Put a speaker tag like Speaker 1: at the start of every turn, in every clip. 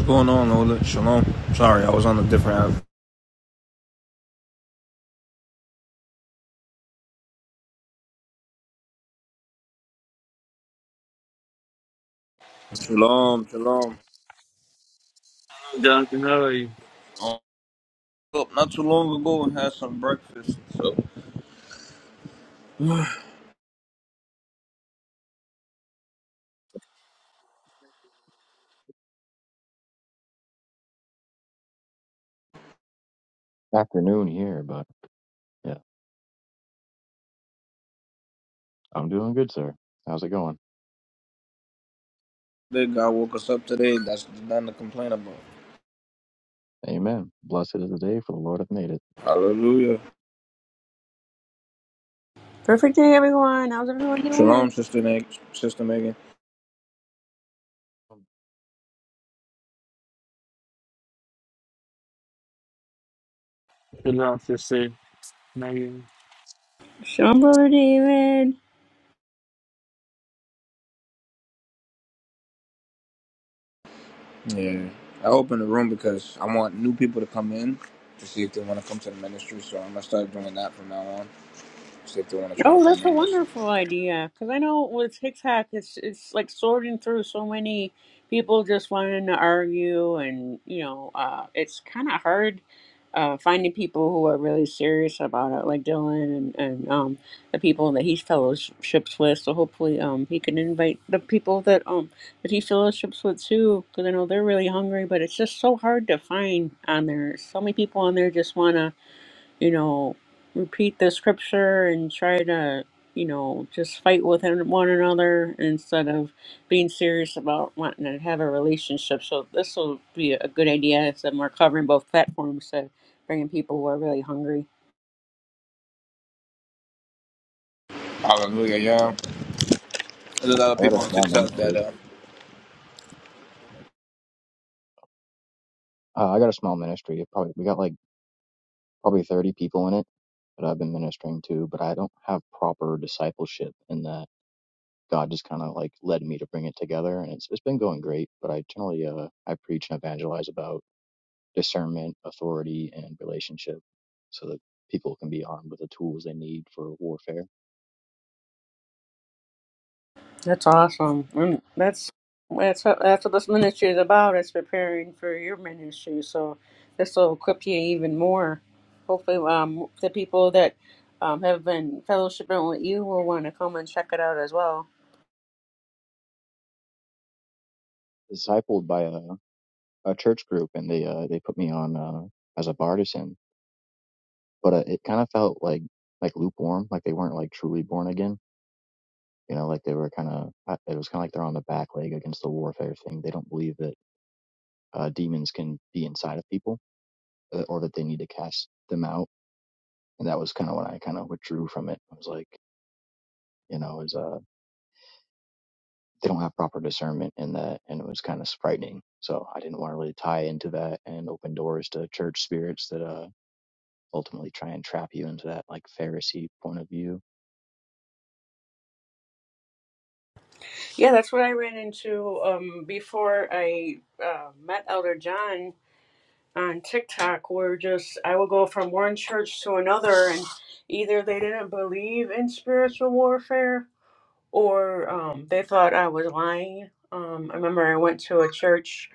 Speaker 1: What's going on, Ola? Shalom. Sorry, I was on a different app. Shalom, shalom.
Speaker 2: Doctor, how are you?
Speaker 1: Oh, Up not too long ago and had some breakfast. So
Speaker 3: Afternoon here, but yeah, I'm doing good, sir. How's it going?
Speaker 1: big God woke us up today. That's nothing to complain about.
Speaker 3: Amen. Blessed is the day for the Lord hath made it.
Speaker 1: Hallelujah.
Speaker 4: Perfect day, everyone. How's everyone
Speaker 1: Shalom,
Speaker 4: doing?
Speaker 1: sister Meg, sister Megan.
Speaker 2: Good luck, sister. Nigga.
Speaker 4: Sean Brother David.
Speaker 1: Yeah. I opened the room because I want new people to come in to see if they want to come to the ministry. So I'm gonna start doing that from now on. See if they want to try to
Speaker 4: Oh,
Speaker 1: come
Speaker 4: that's a
Speaker 1: in and stuff
Speaker 4: wonderful
Speaker 1: like that.
Speaker 4: idea. Because I know with TikTok, it's it's like sorting through so many people just wanting to argue, and you know, uh, it's kind of hard uh, finding people who are really serious about it, like Dylan and and um, the people that he fellowships with. So hopefully, um, he can invite the people that um that he fellowships with too, because I know they're really hungry. But it's just so hard to find on there. So many people on there just wanna you know, repeat the scripture and try to, you know, just fight with one one another instead of being serious about wanting to have a relationship. So this will be a good idea. So we're covering both platforms, so bringing people who are really hungry.
Speaker 1: Hallelujah, yeah. There's a lot of
Speaker 3: I got a
Speaker 1: people on
Speaker 3: small
Speaker 1: TikTok that
Speaker 3: ministry.
Speaker 1: uh,
Speaker 3: Uh, I got a small ministry. It Probably we got like probably 30 people in it that I've been ministering to, but I don't have proper discipleship in that. God just kind of like led me to bring it together, and it's it's been going great. But I generally uh I preach and evangelize about discernment, authority, and relationship, so that people can be armed with the tools they need for warfare.
Speaker 4: That's awesome. Mm, That's that's what, that's what this ministry is about. It's preparing for your ministry. So this will equip you even more. Hopefully, um, the people that um, have been fellowshipping with you will want to come and check it out as well.
Speaker 3: Discipled by a a church group and they uh they put me on uh as a bartisan but uh, it kind of felt like like lukewarm like they weren't like truly born again you know like they were kind of it was kind of like they're on the back leg against the warfare thing they don't believe that uh demons can be inside of people uh, or that they need to cast them out and that was kind of when i kind of withdrew from it i was like you know is uh they don't have proper discernment in that and it was kind of frightening so i didn't want to really tie into that and open doors to church spirits that uh ultimately try and trap you into that like Pharisee point of view.
Speaker 4: Yeah, that's what I ran into um, before I uh, met Elder John on TikTok. Where just I would go from one church to another, and either they didn't believe in spiritual warfare, or um, they thought I was lying. Um, I remember I went to a church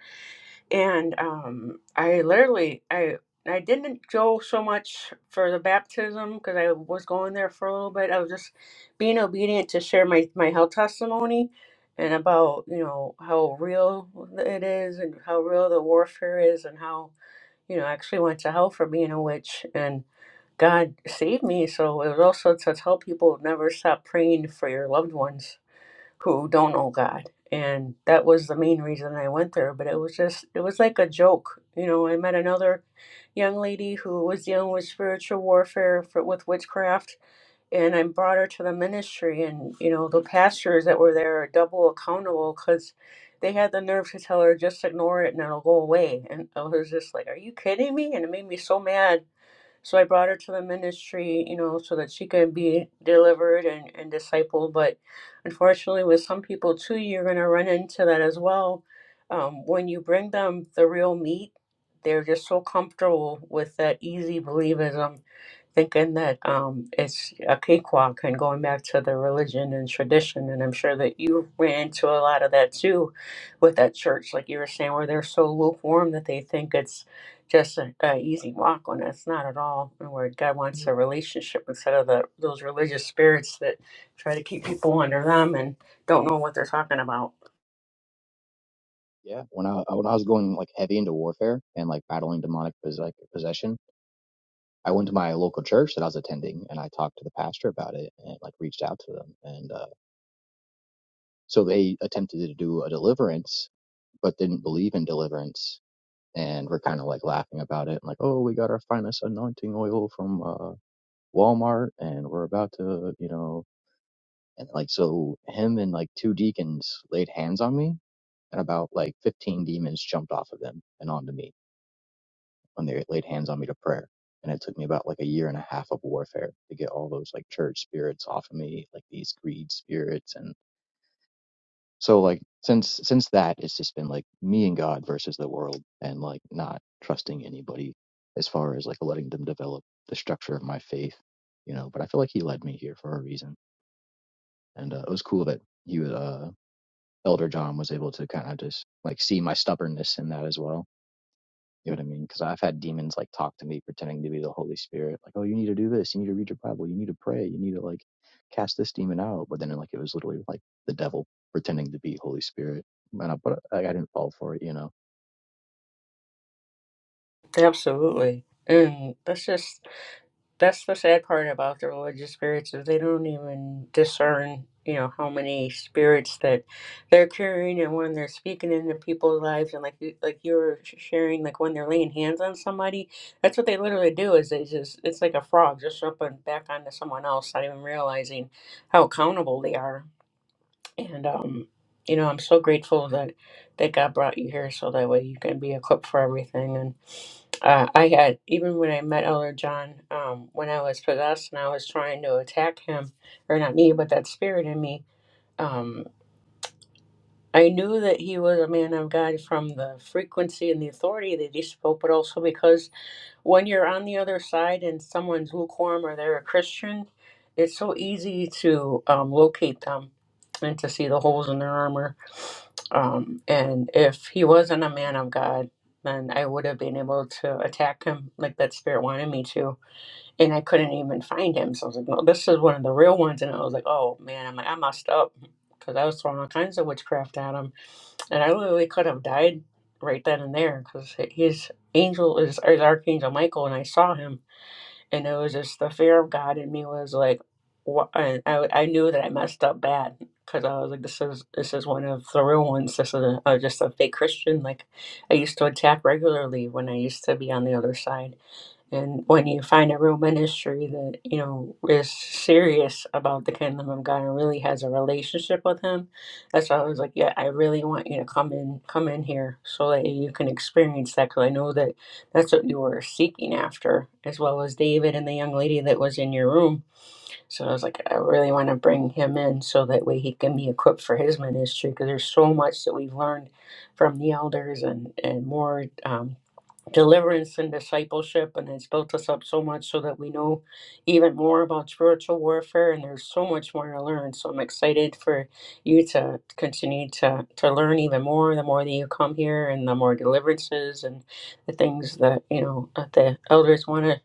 Speaker 4: and um, I literally I I didn't go so much for the baptism because I was going there for a little bit. I was just being obedient to share my my health testimony and about you know how real it is and how real the warfare is and how you know, I actually went to hell for being a witch and God saved me. So it was also to tell people never stop praying for your loved ones who don't know God. And that was the main reason I went there. But it was just, it was like a joke. You know, I met another young lady who was dealing with spiritual warfare for, with witchcraft and I brought her to the ministry. And you know, the pastors that were there are double accountable because they had the nerve to tell her just ignore it and it'll go away. And I was just like, "Are you kidding me?" And it made me so mad. So I brought her to the ministry, you know, so that she could be delivered and, and discipled. But unfortunately, with some people too, you're going to run into that as well. Um, when you bring them the real meat, they're just so comfortable with that easy believism thinking that um, it's a cakewalk and going back to the religion and tradition. And I'm sure that you ran into a lot of that too with that church, like you were saying, where they're so lukewarm that they think it's just an easy walk when it's not at all. And where God wants a relationship instead of the, those religious spirits that try to keep people under them and don't know what they're talking about.
Speaker 3: Yeah. When I when I was going like heavy into warfare and like battling demonic pos- like possession, I went to my local church that I was attending and I talked to the pastor about it and like reached out to them and uh, so they attempted to do a deliverance but didn't believe in deliverance and were kind of like laughing about it and like oh we got our finest anointing oil from uh, Walmart and we're about to you know and like so him and like two deacons laid hands on me and about like 15 demons jumped off of them and onto me when they laid hands on me to prayer. And it took me about like a year and a half of warfare to get all those like church spirits off of me, like these greed spirits. And so like since since that, it's just been like me and God versus the world, and like not trusting anybody as far as like letting them develop the structure of my faith, you know. But I feel like He led me here for a reason, and uh, it was cool that He was uh, Elder John was able to kind of just like see my stubbornness in that as well You know what I mean? Because I've had demons like talk to me pretending to be the Holy Spirit, like, oh, you need to do this, you need to read your Bible, you need to pray, you need to like cast this demon out. But then like it was literally like the devil pretending to be Holy Spirit, and I, but I, I didn't fall for it, you know.
Speaker 4: Absolutely. And that's just that's the sad part about the religious spirits is they don't even discern you know how many spirits that they're carrying and when they're speaking into people's lives and like you- like you were sh- sharing like when they're laying hands on somebody that's what they literally do is they just it's like a frog just jumping back onto someone else not even realizing how accountable they are and um, you know, I'm so grateful that that God brought you here so that way you can be equipped for everything. And uh, I had even when I met Elder John, um, when I was possessed and I was trying to attack him, or not me, but that spirit in me. Um, I knew that he was a man of God from the frequency and the authority that he spoke, but also because when you're on the other side and someone's lukewarm or they're a Christian, it's so easy to um, locate them and to see the holes in their armor. Um, and if he wasn't a man of God, then I would have been able to attack him like that spirit wanted me to and I couldn't even find him. So I was like, no, this is one of the real ones. And I was like, oh man, I'm like, I messed up because I was throwing all kinds of witchcraft at him. And I literally could have died right then and there because his angel is, is Archangel Michael. And I saw him. And it was just the fear of God in me was like, wha- and I, I knew that I messed up bad because I was like, this is this is one of the real ones. This is a, uh, just a fake Christian. Like I used to attack regularly when I used to be on the other side and when you find a real ministry that, you know, is serious about the kingdom of God and really has a relationship with him, that's why I was like, yeah, I really want you to come in, come in here so that you can experience that. Cause I know that that's what you were seeking after, as well as David and the young lady that was in your room. So I was like, I really want to bring him in so that way he can be equipped for his ministry. Cause there's so much that we've learned from the elders and, and more, um, deliverance and discipleship and it's built us up so much so that we know even more about spiritual warfare and there's so much more to learn so i'm excited for you to continue to to learn even more the more that you come here and the more deliverances and the things that you know that the elders want to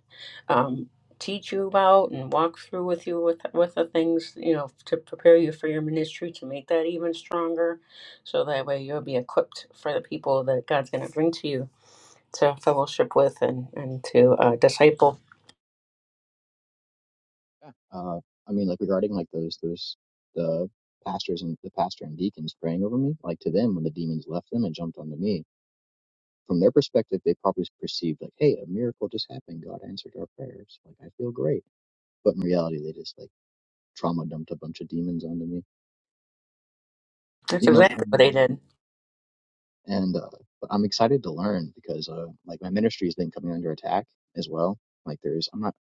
Speaker 4: um, teach you about and walk through with you with with the things you know to prepare you for your ministry to make that even stronger so that way you'll be equipped for the people that god's going to bring to you to fellowship with and, and to uh, disciple.
Speaker 3: Uh, I mean, like regarding like those those the pastors and the pastor and deacons praying over me, like to them when the demons left them and jumped onto me. From their perspective, they probably perceived like, hey, a miracle just happened. God answered our prayers. Like I feel great. But in reality, they just like trauma dumped a bunch of demons onto me
Speaker 4: That's
Speaker 3: you know,
Speaker 4: exactly
Speaker 3: and,
Speaker 4: what they
Speaker 3: uh,
Speaker 4: did.
Speaker 3: and uh, but I'm excited to learn because uh, like my ministry has been coming under attack as well. Like there's, I'm not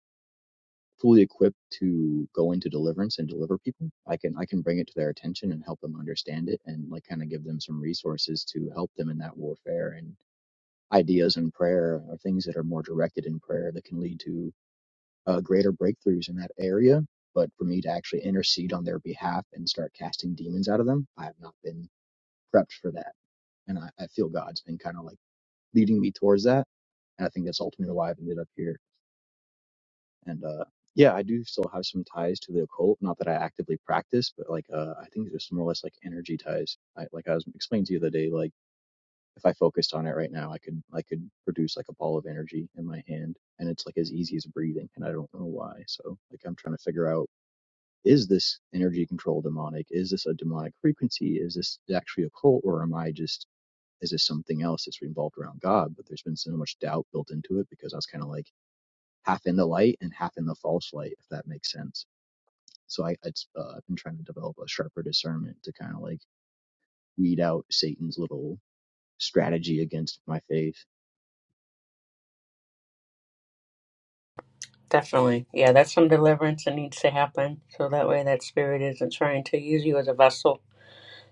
Speaker 3: fully equipped to go into deliverance and deliver people. I can I can bring it to their attention and help them understand it and like kind of give them some resources to help them in that warfare and ideas and prayer or things that are more directed in prayer that can lead to uh, greater breakthroughs in that area. But for me to actually intercede on their behalf and start casting demons out of them, I have not been prepped for that And I, I feel God's been kind of like leading me towards that. And I think that's ultimately why I've ended up here. And uh, yeah, I do still have some ties to the occult. Not that I actively practice, but like uh, I think there's more or less like energy ties. I, like I was explaining to you the other day, like if I focused on it right now, I could I could produce like a ball of energy in my hand, and it's like as easy as breathing. And I don't know why. So like I'm trying to figure out is this energy control demonic? Is this a demonic frequency? Is this actually occult, or am I just is this something else that's involved around God? But there's been so much doubt built into it because I was kind of like half in the light and half in the false light, if that makes sense. So I, it's, uh, I've been trying to develop a sharper discernment to kind of like weed out Satan's little strategy against my faith.
Speaker 4: Definitely. Yeah, that's some deliverance that needs to happen. So that way that spirit isn't trying to use you as a vessel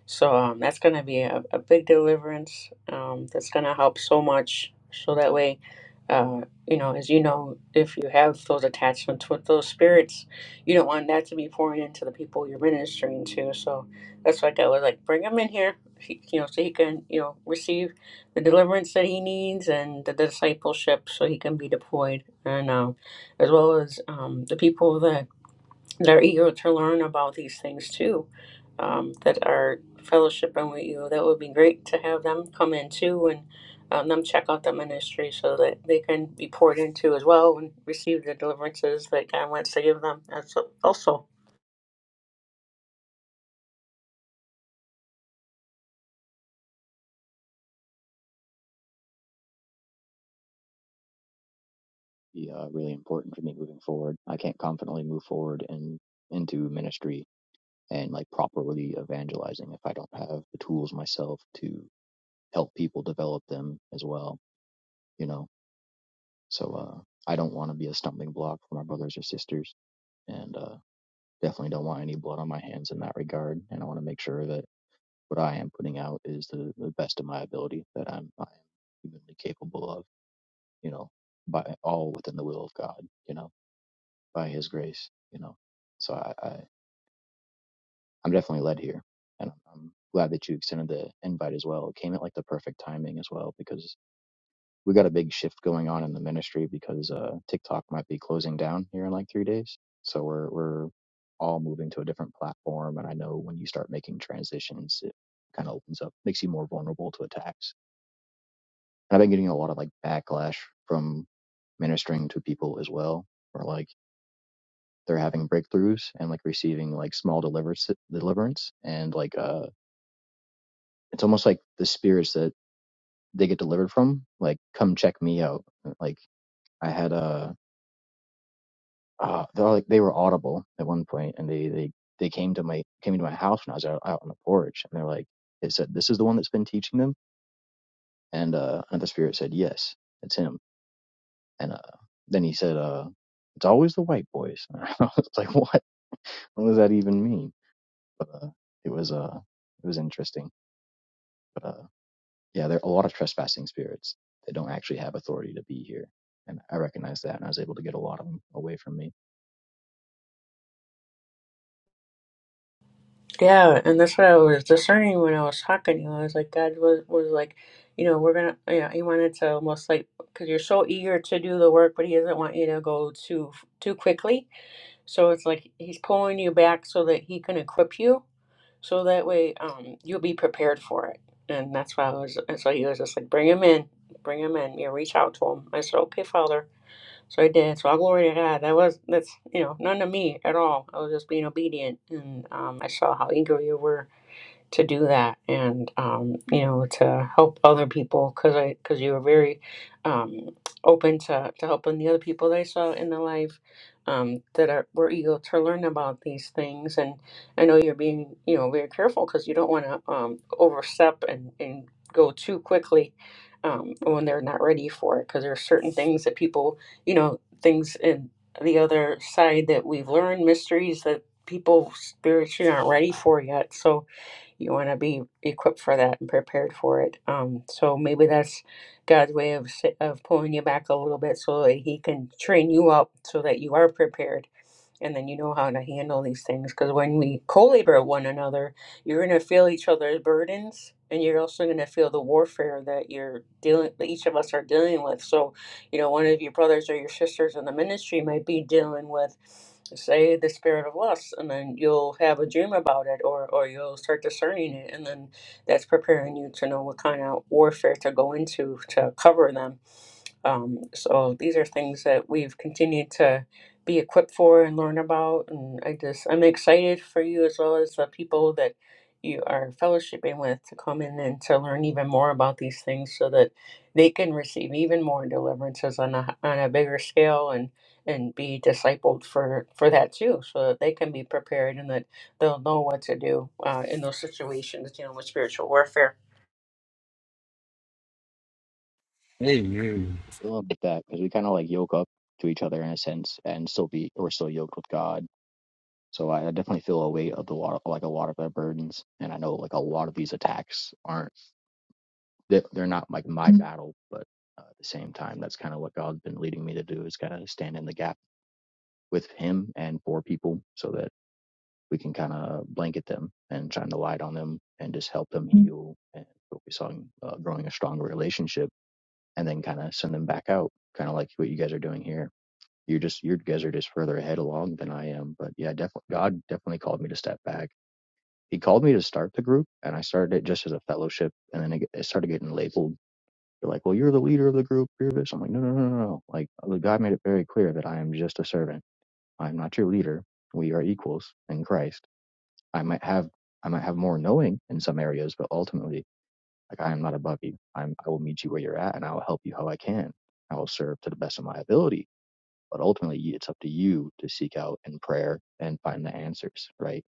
Speaker 4: So um, that's going to be a, a big deliverance. Um, that's going to help so much. So that way, uh, you know, as you know, if you have those attachments with those spirits, you don't want that to be pouring into the people you're ministering to. So that's why God was like, bring him in here, he, you know, so he can, you know, receive the deliverance that he needs and the discipleship so he can be deployed. And um, as well as um, the people that they're eager to learn about these things too, um, that are fellowshipping with you. That would be great to have them come in too and um, them check out the ministry so that they can be poured into as well and receive the deliverances that God wants to give them. That's also
Speaker 3: Be uh, really important for me moving forward. I can't confidently move forward and into ministry and like properly evangelizing if I don't have the tools myself to help people develop them as well. You know, So uh, I don't want to be a stumbling block for my brothers or sisters, and uh, definitely don't want any blood on my hands in that regard. And I want to make sure that what I am putting out is the, the best of my ability that I'm I am humanly capable of. You know, by all within the will of God. You know, by His grace. You know, so I, I I'm definitely led here, and I'm glad that you extended the invite as well. It came at like the perfect timing as well because we got a big shift going on in the ministry because uh, TikTok might be closing down here in like three days. So we're we're all moving to a different platform, and I know when you start making transitions, it kind of opens up, makes you more vulnerable to attacks. And I've been getting a lot of like backlash from ministering to people as well, where like they're having breakthroughs and like receiving like small deliverance deliverance, and like uh, it's almost like the spirits that they get delivered from, like come check me out, like. I had a uh, they're like they were audible at one point, and they they they came to my came into my house when I was out, out on the porch, and they're like, it said, "This is the one that's been teaching them," and uh, another spirit said, "Yes, it's him," and uh, then he said, "Uh, it's always the white boys." I was like, "What? What does that even mean?" But uh, it was uh, it was interesting. But uh, yeah, there are a lot of trespassing spirits that don't actually have authority to be here, and I recognized that, and I was able to get a lot of them away from me.
Speaker 4: yeah, and that's what I was discerning when I was talking to you. I was like, God was was like, you know, we're gonna, you know, He wanted to almost like because you're so eager to do the work, but He doesn't want you to go too too quickly So it's like he's pulling you back so that he can equip you, so that way um, you'll be prepared for it. And that's why I was. And so he was just like, "Bring him in, bring him in." You reach out to him. I said, "Okay, Father." So I did. So all glory to God. That was that's you know none of me at all. I was just being obedient, and um, I saw how eager you were to do that and um, you know to help other people because I because you were very um, open to, to helping the other people that I saw in the life um, that are were eager to learn about these things and I know you're being you know very careful because you don't want to um, overstep and, and go too quickly um, when they're not ready for it because there are certain things that people you know things in the other side that we've learned mysteries that people spiritually aren't ready for yet so you want to be equipped for that and prepared for it. Um, so maybe that's God's way of s- of pulling you back a little bit so that He can train you up so that you are prepared and then you know how to handle these things. Because when we co-labor with one another, you're gonna feel each other's burdens, and you're also gonna feel the warfare that you're dealing, that each of us are dealing with. So you know one of your brothers or your sisters in the ministry might be dealing with say the spirit of lust and then you'll have a dream about it or or you'll start discerning it and then that's preparing you to know what kind of warfare to go into to cover them um, so these are things that we've continued to be equipped for and learn about. And I just, I'm excited for you as well as the people that you are fellowshipping with to come in and to learn even more about these things so that they can receive even more deliverances on a, on a bigger scale and, and be discipled for, for that too, so that they can be prepared and that they'll know what to do uh, in those situations, you know, with spiritual warfare.
Speaker 2: Amen.
Speaker 3: I love that because we kind of like yoke up to each other in a sense, and still be we're still yoked with God. So I, I definitely feel a weight of the lot, like a lot of their burdens, and I know like a lot of these attacks aren't they're, they're not like my Mm. battle, but uh, at the same time, that's kind of what God's been leading me to do is kind of stand in the gap with Him and for people, so that we can kind of blanket them and shine the light on them and just help them Mm. heal and focus on uh, growing a stronger relationship, and then kind of send them back out, kind of like what you guys are doing here you're just you guys are just further ahead along than I am. But yeah, definitely God definitely called me to step back. He called me to start the group, and I started it just as a fellowship, and then it, started getting labeled. They're like, "Well, you're the leader of the group. You're this." I'm like, "No, no, no, no, no!" Like God made it very clear that I am just a servant. I'm not your leader. We are equals in Christ. I might have I might have more knowing in some areas, but ultimately, like I am not above you. I'm I will meet you where you're at, and I will help you how I can. I will serve to the best of my ability but ultimately it's up to you to seek out in prayer and find the answers right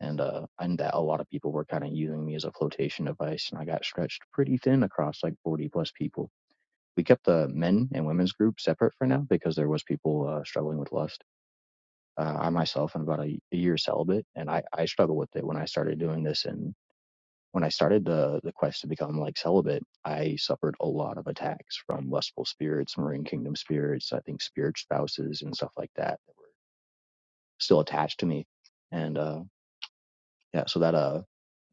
Speaker 3: and uh and that a lot of people were kind of using me as a flotation device and i got stretched pretty thin across like 40 plus people we kept the men and women's group separate for now because there was people uh, struggling with lust uh, i myself am about a, a year celibate and i i struggled with it when i started doing this and when I started the the quest to become like celibate, I suffered a lot of attacks from lustful spirits, marine kingdom spirits, I think spirit spouses and stuff like that that were still attached to me. And uh, yeah, so that uh,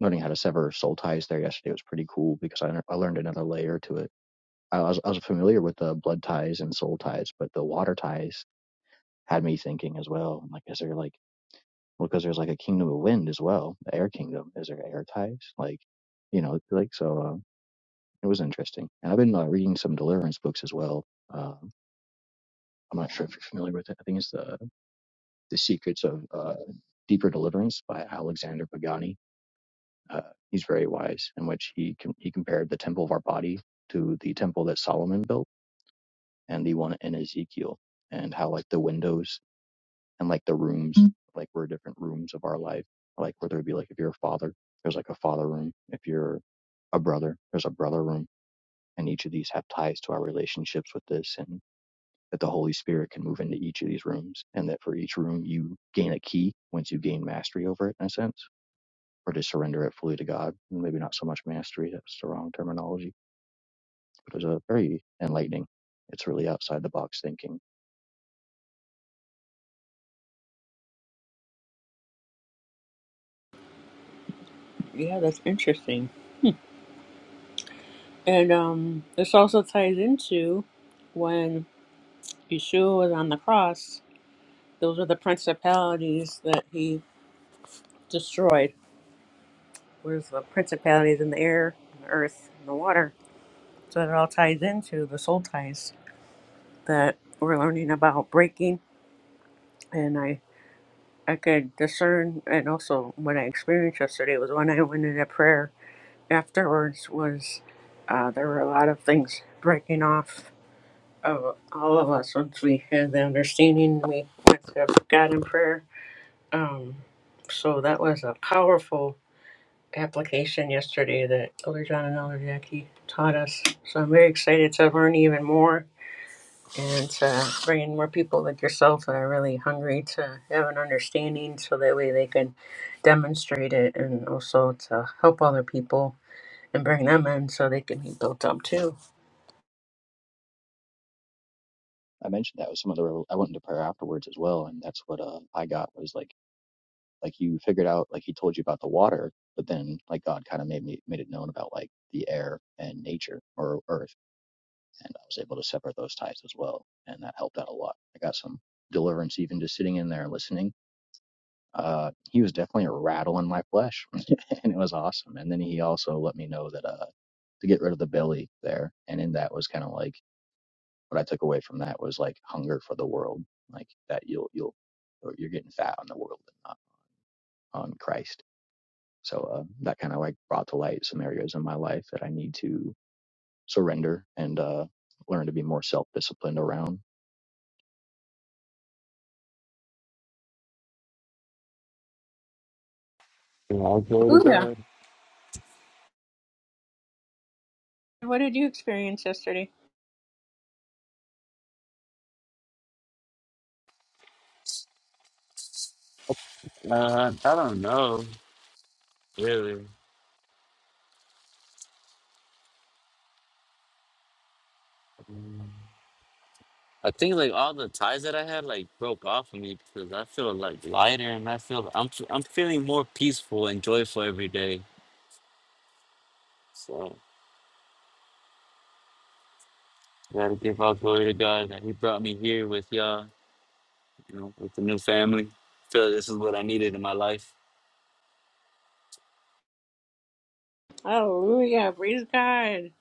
Speaker 3: learning how to sever soul ties there yesterday was pretty cool because I, I learned another layer to it. I was, I was familiar with the blood ties and soul ties, but the water ties had me thinking as well. I'm like, is there like, well, because there's like a kingdom of wind as well, the air kingdom. Is there air ties? Like, you know, like, so uh, it was interesting. And I've been uh, reading some deliverance books as well. Uh, I'm not sure if you're familiar with it. I think it's the, the Secrets of uh, Deeper Deliverance by Alexander Pagani Uh, he's very wise, in which he com- he compared the temple of our body to the temple that Solomon built and the one in Ezekiel, and how like the windows and like the rooms Mm. like were different rooms of our life, like where there'd be like if you're a father, there's like a father room. If you're a brother, there's a brother room, and each of these have ties to our relationships with this and that the Holy Spirit can move into each of these rooms, and that for each room you gain a key once you gain mastery over it, in a sense or to surrender it fully to God. Maybe not so much mastery, that's the wrong terminology, but it was a very enlightening. It's really outside the box thinking.
Speaker 4: Yeah, that's interesting. And um, this also ties into when Yeshua was on the cross, those were the principalities that he destroyed. Where's the principalities in the air, and the earth, and the water? So it all ties into the soul ties that we're learning about breaking. And I, I could discern, and also what I experienced yesterday was when I went into prayer afterwards was uh, there were a lot of things breaking off of all of us once we had the understanding we went to God in prayer. Um, so that was a powerful application yesterday that Elder John and Elder Jackie taught us. So I'm very excited to learn even more and to bring in more people like yourself that are really hungry to have an understanding so that way they can demonstrate it and also to help other people and bring them in so they can be built up too.
Speaker 3: I mentioned that with some of the, revel- I went into prayer afterwards as well, and that's what uh, I got was like, like you figured out, like he told you about the water, but then like God kind of made me made it known about like the air and nature or earth, and I was able to separate those ties as well, and that helped out a lot. I got some deliverance even just sitting in there listening uh, he was definitely a rattle in my flesh, and it was awesome. And then he also let me know that uh, to get rid of the belly there, and in that was kind of like what I took away from that was like hunger for the world, like that you'll you'll or you're getting fat on the world and not on Christ. So uh, that kind of like brought to light some areas in my life that I need to surrender and uh, learn to be more self disciplined around.
Speaker 2: Yeah, I'll go to
Speaker 4: Ooh, yeah.
Speaker 2: God.
Speaker 4: What did you experience yesterday?
Speaker 2: Uh, I don't know, really. Mm. I think like all the ties that I had like broke off of me because I feel like lighter and I feel I'm I'm feeling more peaceful and joyful every day. So gotta give all glory to God that He brought me here with y'all, you know, with the new family. feel like this is what I needed in my life.
Speaker 4: Hallelujah. Praise God.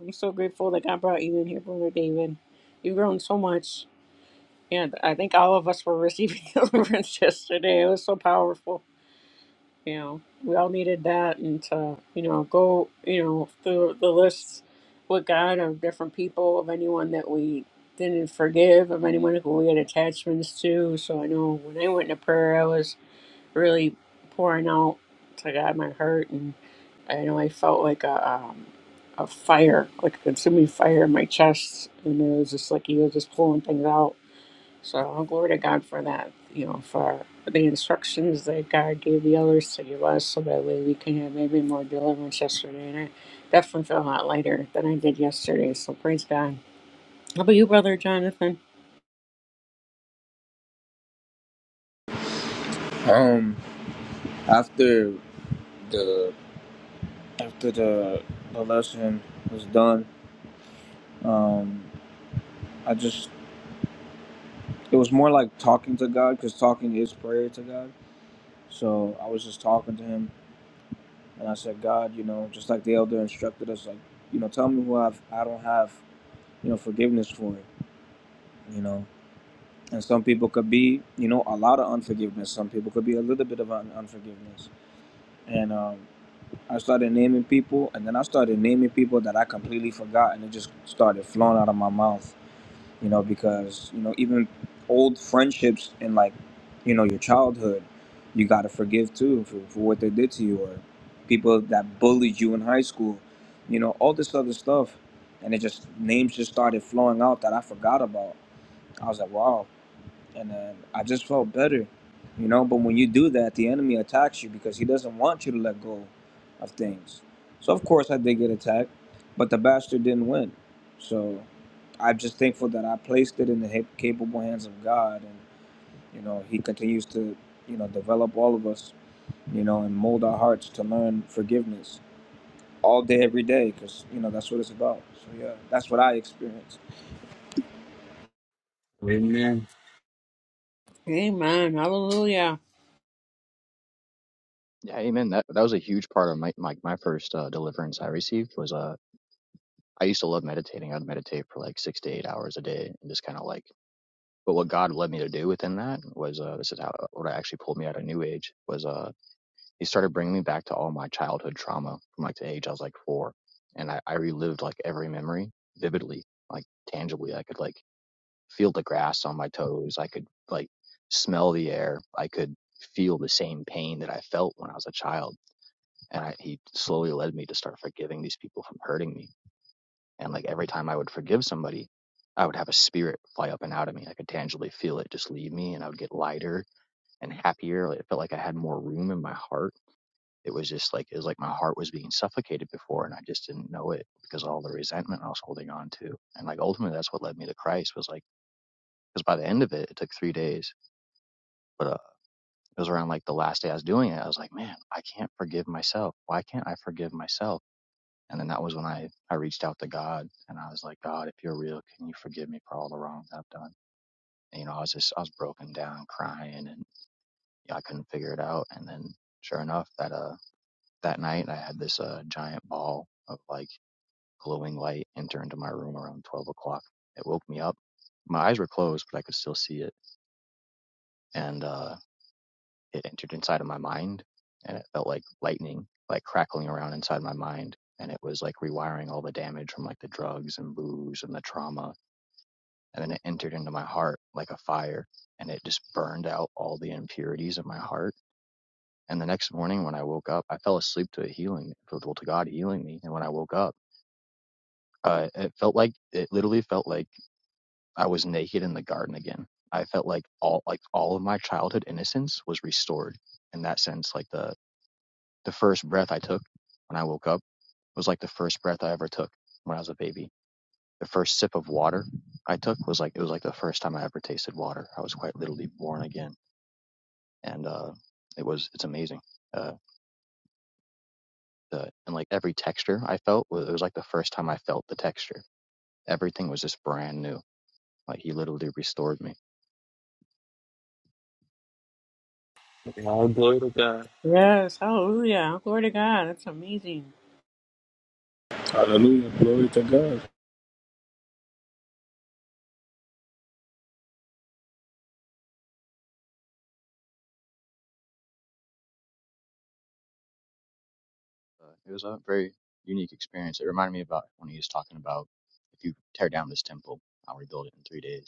Speaker 4: I'm so grateful that God brought you in here, Brother David. You've grown so much. And I think all of us were receiving deliverance yesterday. It was so powerful. You know, we all needed that and to, you know, go, you know, through the lists with God of different people, of anyone that we didn't forgive, of anyone who we had attachments to. So I know when I went into prayer, I was really pouring out to God my hurt and I know I felt like a um, a fire, like a consuming fire in my chest, and it was just like he was just pulling things out. So oh, glory to God for that, you know, for the instructions that God gave the others to give us, so that way we can have maybe more deliverance yesterday. And I definitely feel a lot lighter than I did yesterday. So praise God. How about you, brother Jonathan?
Speaker 1: um after the after the the lesson was done, um, I just it was more like talking to God because talking is prayer to God. So I was just talking to Him, and I said, God, you know, just like the elder instructed us, like you know, tell me who I've I don't have you know forgiveness for, you know. And some people could be, you know, a lot of unforgiveness. Some people could be a little bit of un- unforgiveness. And um, I started naming people, and then I started naming people that I completely forgot, and it just started flowing out of my mouth you know, because, you know, even old friendships and like, you know, your childhood, you got to forgive too for, for what they did to you or people that bullied you in high school, you know, all this other stuff. And it just, names just started flowing out that I forgot about. I was like, wow and uh, I just felt better, you know. But when you do that, the enemy attacks you because he doesn't want you to let go of things. So of course I did get attacked, but the bastard didn't win. So I'm just thankful that I placed it in the ha- capable hands of God, and you know He continues to, you know, develop all of us, you know, and mold our hearts to learn forgiveness all day, every day, because you know that's what it's about. So yeah, that's what I experienced.
Speaker 2: Amen.
Speaker 4: Amen. Hallelujah.
Speaker 3: Yeah, amen. That that was a huge part of my my, my first uh, deliverance I received was uh I used to love meditating. I'd meditate for like six to eight hours a day and just kind of like, but what God led me to do within that was, uh, this is how, uh, what actually pulled me out of new age was, uh, he started bringing me back to all my childhood trauma from like the age I was like four. And I, I relived like every memory vividly, like tangibly. I could like feel the grass on my toes. I could like smell the air. I could feel the same pain that I felt when I was a child. And I, he slowly led me to start forgiving these people from hurting me and like every time I would forgive somebody, I would have a spirit fly up and out of me. I could tangibly feel it just leave me and I would get lighter and happier. Like, It felt like I had more room in my heart. It was just like, it was like my heart was being suffocated before and I just didn't know it because of all the resentment I was holding on to. And like ultimately, that's what led me to Christ was like, because by the end of it, it took three days. But uh, it was around like the last day I was doing it. I was like, man, I can't forgive myself. Why can't I forgive myself? And then that was when I, I reached out to God and I was like, God, if you're real, can you forgive me for all the wrongs I've done? And, you know, I was just, I was broken down crying and yeah, I couldn't figure it out. And then sure enough, that, uh, that night I had this, uh, giant ball of like glowing light enter into my room around 12 o'clock. It woke me up. My eyes were closed, but I could still see it. And, uh, it entered inside of my mind and it felt like lightning like crackling around inside my mind and it was like rewiring all the damage from like the drugs and booze and the trauma and then it entered into my heart like a fire and it just burned out all the impurities of my heart and the next morning when i woke up i fell asleep to a healing to well, to god healing me and when i woke up uh, it felt like it literally felt like i was naked in the garden again i felt like all like all of my childhood innocence was restored in that sense like the The first breath I took when I woke up was like the first breath I ever took when I was a baby. The first sip of water I took was like it was like the first time I ever tasted water. I was quite literally born again, and uh, it was it's amazing. Uh, the, and like every texture I felt it was like the first time I felt the texture. Everything was just brand new. Like he literally restored me.
Speaker 2: Yeah, All glory to God.
Speaker 4: Yes. Hallelujah. Glory to God. That's amazing.
Speaker 1: Hallelujah. Glory to God.
Speaker 3: Uh, it was a very unique experience. It reminded me about when he was talking about if you tear down this temple, I'll rebuild it in three days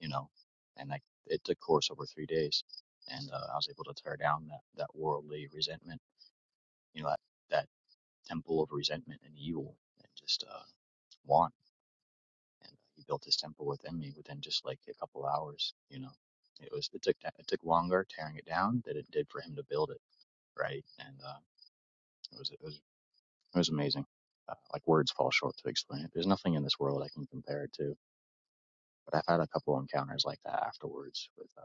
Speaker 3: you know, and I, it took course over three days, and uh, I was able to tear down that that worldly resentment, you know, that, that temple of resentment and evil and just uh, want. And he built his temple within me within just like a couple hours, you know. It was it took it took longer tearing it down than it did for him to build it, right? And uh, it was it was it was amazing. Uh, like words fall short to explain it. There's nothing in this world I can compare it to. But I've had a couple encounters like that afterwards with uh,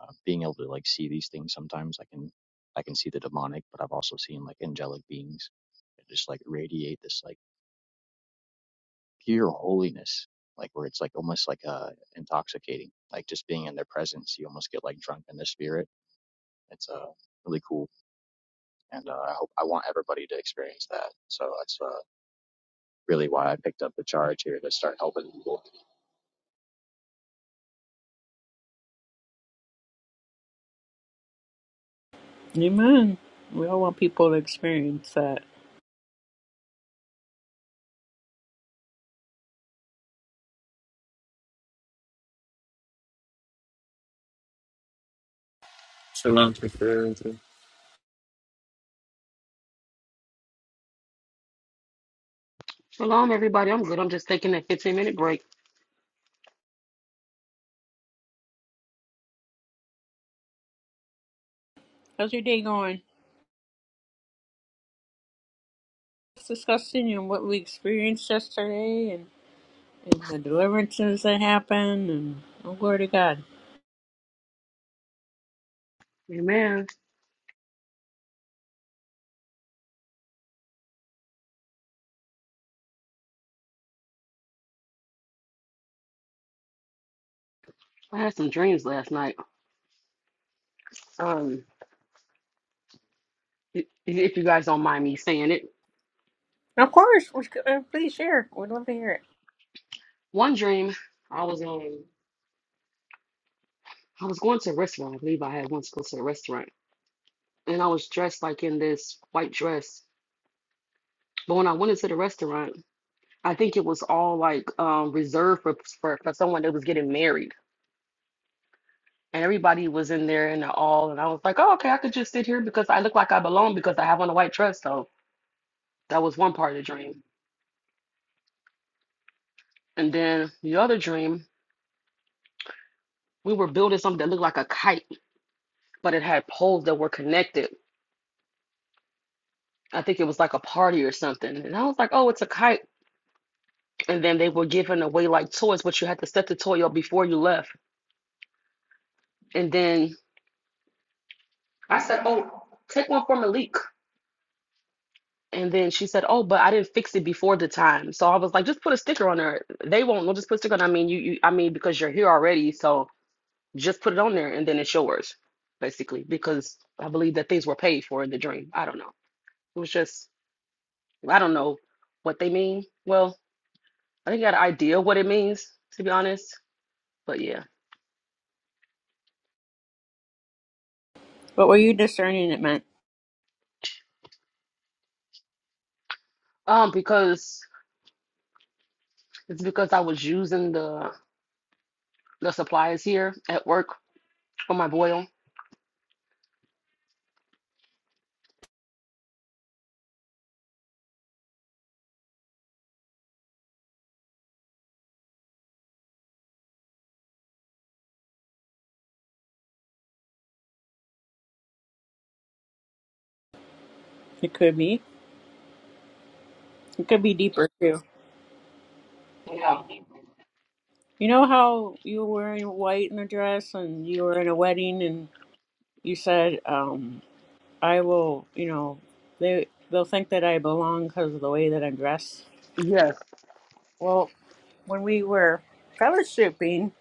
Speaker 3: uh, being able to like see these things sometimes i can i can see the demonic but i've also seen like angelic beings that just like radiate this like pure holiness like where it's like almost like uh intoxicating like just being in their presence you almost get like drunk in their spirit it's uh really cool and uh, i hope i want everybody to experience that so that's uh really why i picked up the charge here to start helping people
Speaker 4: Amen. We all want people to experience that.
Speaker 2: Shalom, sister.
Speaker 5: Shalom, everybody. I'm good. I'm just taking that 15 minute break.
Speaker 4: How's your day going? It's discussing and what we experienced yesterday and, and the deliverances that happened and oh, glory to God.
Speaker 5: Amen. I had some dreams last night. Um, i- if you guys don't mind me saying it,
Speaker 4: Of course, we c- uh, please share. We'd love to hear it.
Speaker 5: one dream I was um I was going to a restaurant. I believe I had once go to a restaurant, and I was dressed like in this white dress. But when I went into the restaurant, I think it was all like um reserved for for, for someone that was getting married. And everybody was in there and all, and I was like, oh, okay, I could just sit here because I look like I belong because I have on a white dress. So that was one part of the dream. And then the other dream, we were building something that looked like a kite, but it had poles that were connected. I think it was like a party or something. And I was like, oh, it's a kite. And then they were giving away like toys, but you had to set the toy up before you left. And then I said, oh, take one for Malik. And then she said, oh, but I didn't fix it before the time. So I was like, just put a sticker on there. They won't. We'll just put a sticker on. I mean, you, you, I mean, because you're here already. So just put it on there and then it's yours, basically, because I believe that things were paid for in the dream. I don't know. It was just, I don't know what they mean. Well, I think I got an idea what it means, to be honest. But yeah.
Speaker 4: What were you discerning it meant?
Speaker 5: Um, because it's because I was using the the supplies here at work for my boil.
Speaker 4: It could be. It could be deeper too.
Speaker 5: Yeah.
Speaker 4: You know how you were wearing white in a dress and you were in a wedding and you said, um, I will, you know, they, they'll think that I belong because of the way that I'm dressed.
Speaker 5: Yes.
Speaker 4: Well, when we were fellowshipping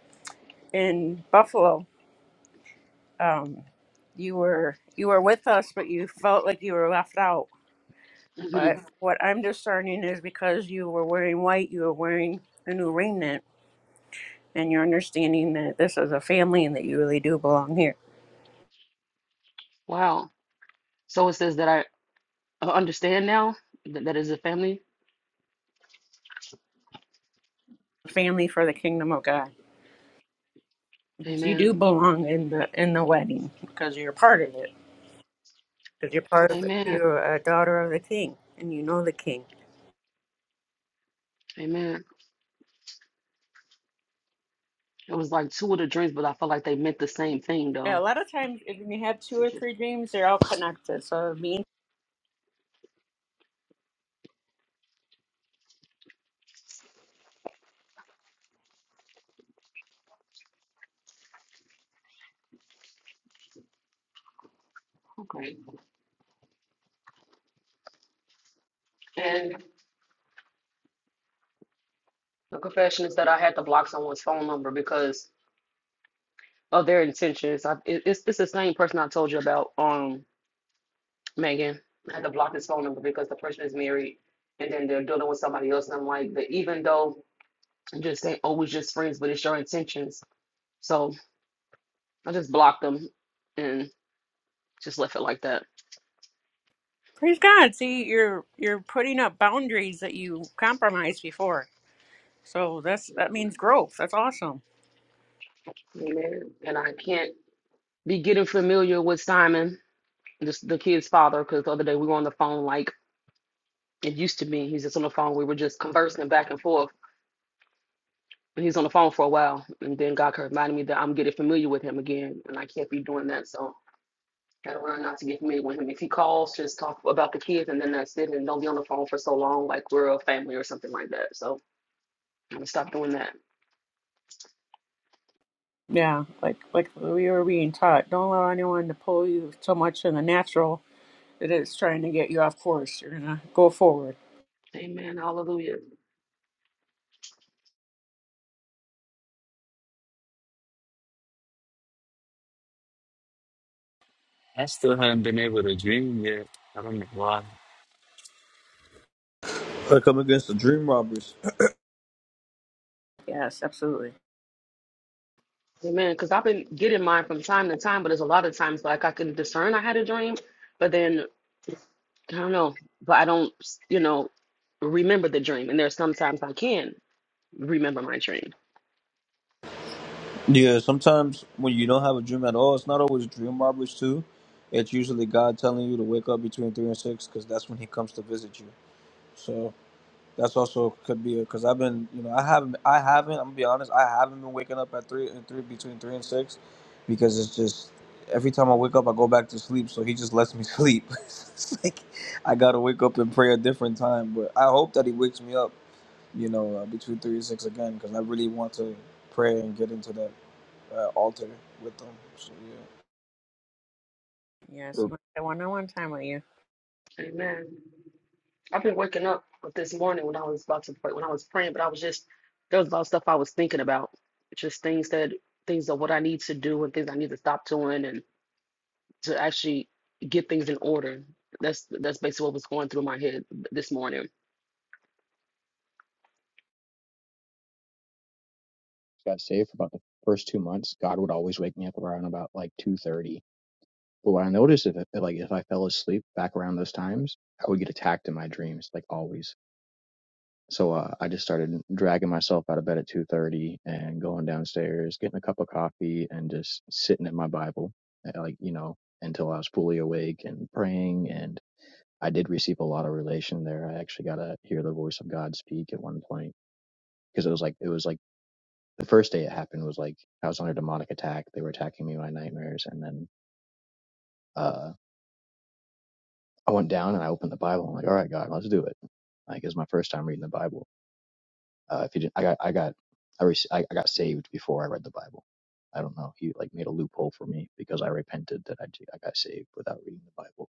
Speaker 4: in Buffalo, um, you were you were with us, but you felt like you were left out.
Speaker 5: hmm
Speaker 4: But what I'm discerning is because you were wearing white, you were wearing a new raiment, and you're understanding that this is a family and that you really do belong here,
Speaker 5: Wow. So it says that I uh, understand now that that is a family.
Speaker 4: family for the kingdom of God. Because You do
Speaker 5: Amen.
Speaker 4: belong in the in the wedding because you're part of it. Because you're part of it.
Speaker 5: Amen.
Speaker 4: You're a daughter of the King, and you know the King.
Speaker 5: Amen. It was like two of the drinks, but I felt like they meant the same thing
Speaker 4: Yeah, a
Speaker 5: though.
Speaker 4: lot of times if you have two
Speaker 5: So
Speaker 4: or
Speaker 5: just-
Speaker 4: three dreams, they're all connected. So me
Speaker 5: Okay. And the confession is that I had to block someone's phone number because of their intentions. I, it, it's it's the same person I told you about, um, Megan. I had to block his phone number because the person is married, and then they're dealing with somebody else. And I'm like, but even though I'm just saying, oh, we're just friends, but it's your intentions. So I just blocked them and just left it like that.
Speaker 4: Praise God. See, you're you're putting up boundaries that you compromised before. So that's that means growth. That's awesome.
Speaker 5: Amen. And I can't be getting familiar with Simon, this, the kid's father, because the other day we were on the phone like it used to be. He's just on the phone. We were just conversing back and forth. And he was on the phone for a while, and then God reminded me that I'm getting familiar with him again, and I can't be doing that. So gotta learn not to get familiar with him. If he calls, just talk about the kids, and then that's it, and don't be on the phone for so long, like we're a family or something like that. So I'm gonna stop doing that.
Speaker 4: Yeah, like like we were being taught, don't allow anyone to pull you so much in the natural that it's trying to get you off course. You're gonna go forward.
Speaker 5: Amen. Hallelujah.
Speaker 2: I still haven't been able to dream yet. I don't know why.
Speaker 1: I come against the dream robbers.
Speaker 4: Yes, absolutely.
Speaker 5: Amen. Because I've been getting mine from time to time, but there's a lot of times like I can discern I had a dream, but then I don't know, but I don't, you know, remember the dream. And there's sometimes I can remember my dream.
Speaker 1: Yeah, sometimes when you don't have a dream at all, it's not always dream robbers too. It's usually God telling you to wake up between three and six because that's when He comes to visit you. So that's also could be because I've been, you know, I haven't, I haven't. I'm gonna be honest, I haven't been waking up at three and three between three and six because it's just every time I wake up, I go back to sleep. So He just lets me sleep. it's like I gotta wake up and pray a different time. But I hope that He wakes me up, you know, uh, between three and six again because I really want to pray and get into that uh, altar with them. So yeah.
Speaker 4: Yes,
Speaker 3: For-
Speaker 4: you want that one on one time with you.
Speaker 5: Amen. I've been waking up with this morning when I was about to pray, when I was praying, but I was just there was a lot of stuff I was thinking about, just things that things of what I need to do and things I need to stop doing and to actually get things in order. That's that's basically what was going through my head this morning.
Speaker 3: got saved for about the first two months god would always wake me up around about like two thirty But what I noticed if like if I fell asleep back around those times, I would get attacked in my dreams, like always. So uh, I just started dragging myself out of bed at two thirty and going downstairs, getting a cup of coffee, and just sitting in my Bible, uh, like you know, until I was fully awake and praying. And I did receive a lot of relation there. I actually got to hear the voice of God speak at one point because it was like it was like the first day it happened was like I was under demonic attack. They were attacking me by nightmares, and then. uh. I went down and I opened the Bible. I'm like, all right, God, let's do it. Like, it's my first time reading the Bible. Uh, if you didn't, I got, I got, I, rec- I I got saved before I read the Bible. I don't know. He like made a loophole for me because I repented that I, j- I got saved without reading the Bible.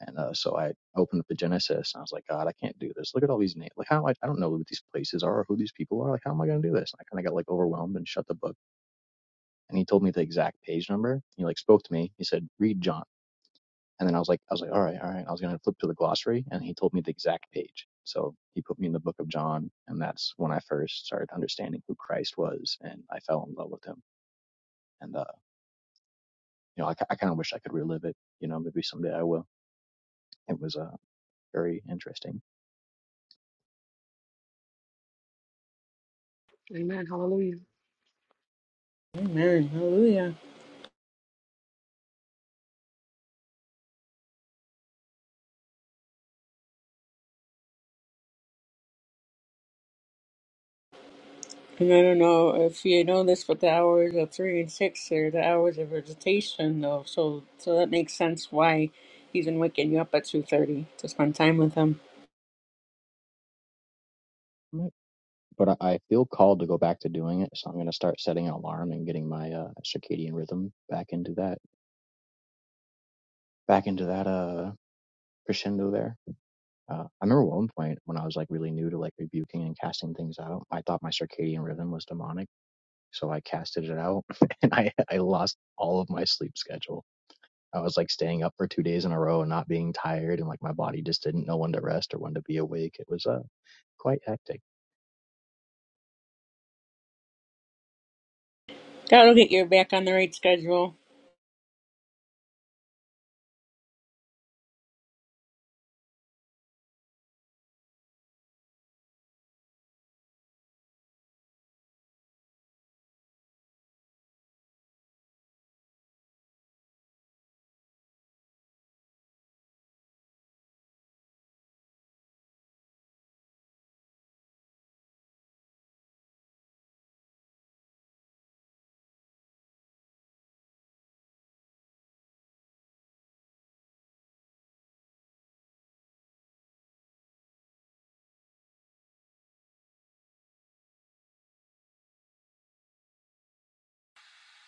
Speaker 3: And uh, so I opened up the Genesis and I was like, God, I can't do this. Look at all these names. Like, how am I, I don't know what these places are or who these people are. Like, how am I going to do this? And I kind of got like overwhelmed and shut the book. And he told me the exact page number. He like spoke to me. He said, read John. And then I was like, I was like, all right, all right. I was going to flip to the glossary and he told me the exact page. So he put me in the book of John. And that's when I first started understanding who Christ was and I fell in love with him. And, uh, you know, I, I kind of wish I could relive it. You know, maybe someday I will. It was, uh, very interesting.
Speaker 5: Amen. Hallelujah.
Speaker 4: Amen. Hallelujah. And I don't know If you know this, but the hours of three and six are the hours of visitation, though. So, so that makes sense why he's been waking you up at two thirty to spend time with him.
Speaker 3: Right. But I, I feel called to go back to doing it. So I'm going to start setting an alarm and getting my, uh, circadian rhythm back into that, back into that, uh, crescendo there. Uh, I remember one point when I was like really new to like rebuking and casting things out. I thought my circadian rhythm was demonic, so I casted it out, and I I lost all of my sleep schedule. I was like staying up for two days in a row and not being tired, and like my body just didn't know when to rest or when to be awake. It was uh quite hectic.
Speaker 4: That'll get you back on the right schedule.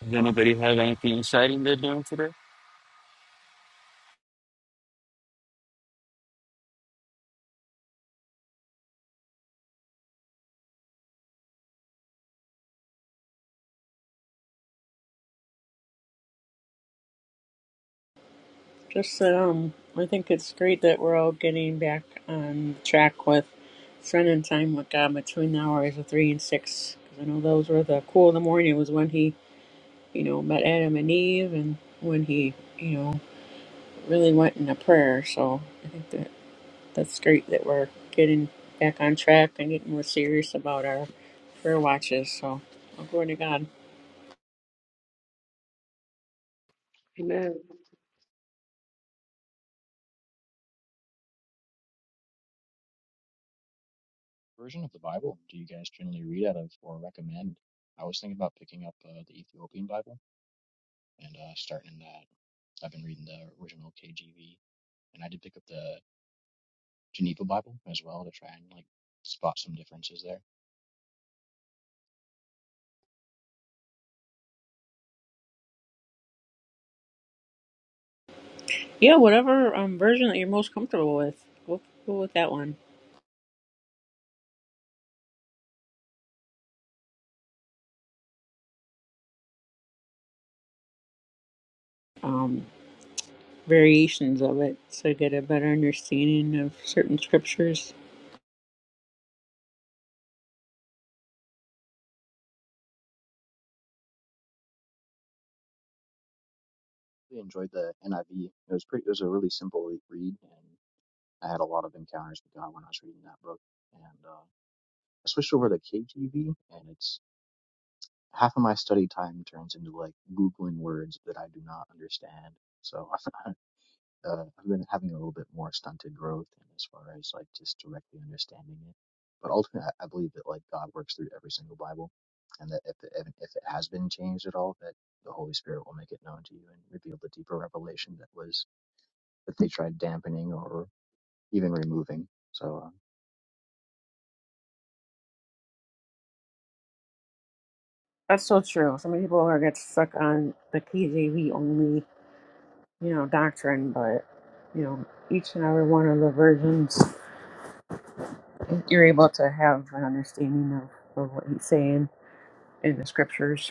Speaker 2: Does anybody have anything exciting they're doing today?
Speaker 4: Just that, um, I think it's great that we're all getting back on track with spending time with God between the hours of three and six. 'Cause I know those were the cool of the morning was when he, you know, met Adam and Eve, and when he, you know, really went into prayer. So I think that. That's great that we're getting back on track and getting more serious about our prayer watches. So, i glory to God.
Speaker 5: Amen.
Speaker 3: Version of the Bible do you guys generally read out of or recommend? I was thinking about picking up uh, the Ethiopian Bible and uh, starting in that. I've been reading the original KJV, and I did pick up the Geneva Bible as well to try and like spot some differences there.
Speaker 4: Yeah, whatever um, version that you're most comfortable with, we'll go with that one. Um, variations of it, so you get a better understanding of certain scriptures.
Speaker 3: Really enjoyed the NIV. It was pretty. It was a really simple re- read, and I had a lot of encounters with God when I was reading that book. And uh, I switched over to KJV, and it's half of my study time turns into like googling words that I do not understand. So I uh, I've been having a little bit more stunted growth and as far as like just directly understanding it. But ultimately, I, I believe that like God works through every single Bible, and that if it, if it has been changed at all, that the Holy Spirit will make it known to you and reveal the deeper revelation that was that they tried dampening or even removing. So
Speaker 4: That's so true. So many people are get stuck on the KJV only, you know, doctrine, but you know, each and every one of the versions, you're able to have an understanding of, of what he's saying in the scriptures.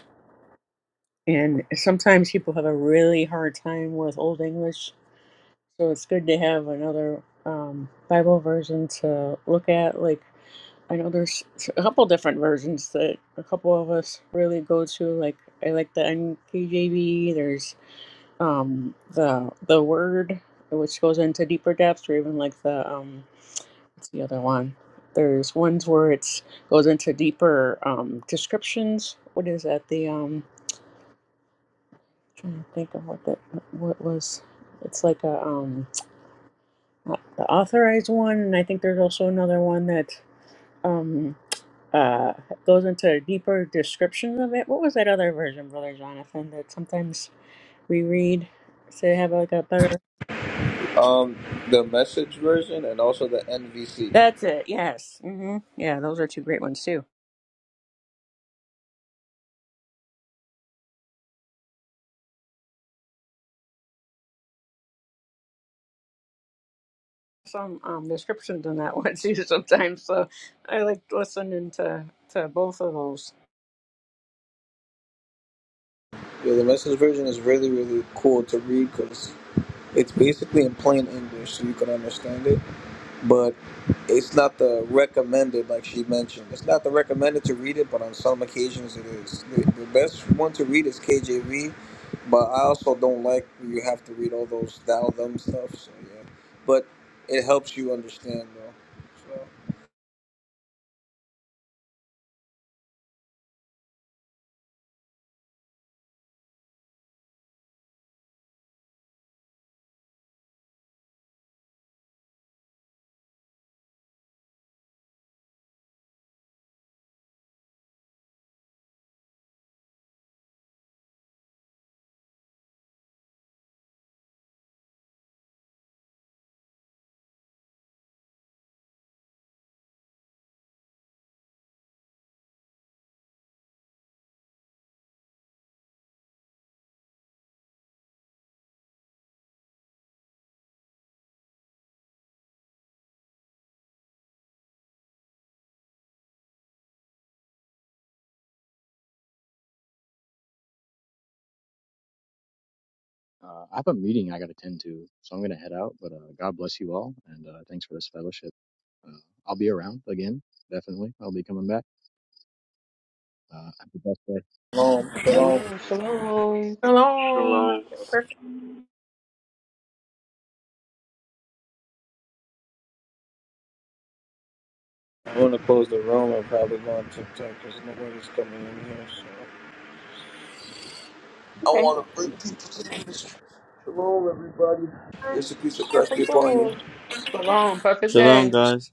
Speaker 4: And sometimes people have a really hard time with Old English, so it's good to have another um, Bible version to look at. Like, I know there's a couple different versions that a couple of us really go to. Like, I like the NKJV. There's um, the the Word, which goes into deeper depths, or even like the um, what's the other one? There's ones where it's goes into deeper um, descriptions. What is that? The um, trying to think of what that what was. It's like a um the authorized one, and I think there's also another one that um uh goes into a deeper description of it. What was that other version, Brother Jonathan, that sometimes we read to have like a better?
Speaker 1: Um, the message version and also the NVC.
Speaker 4: That's it. Yes. hmm Yeah, those are two great ones too. Some um descriptions in that one too sometimes. So I like listening to to both of those.
Speaker 1: Yeah, the message version is really really cool to read because it's basically in plain English, so you can understand it. But it's not the recommended, like she mentioned. It's not the recommended to read it, but on some occasions it is. The, the best one to read is KJV, but I also don't like you have to read all those thou them stuff. So yeah, but it helps you understand though. So.
Speaker 3: uh, uh, I have a meeting I got to attend to, so I'm gonna head out. But uh, God bless you all, and uh, thanks for this fellowship. Uh, I'll be around again, definitely. I'll be coming back. Uh, have the best day.
Speaker 1: Shalom, shalom.
Speaker 5: Amen. Shalom.
Speaker 4: Hello.
Speaker 2: Shalom.
Speaker 4: Perfect.
Speaker 1: i want to close the room and probably go on TikTok because nobody's coming in here. So I
Speaker 4: Okay.
Speaker 1: want to bring people to this room, everybody. There's a piece of Christ be
Speaker 4: Perfect
Speaker 1: upon you.
Speaker 4: day.
Speaker 5: Shalom. Perfect day.
Speaker 2: Shalom, guys.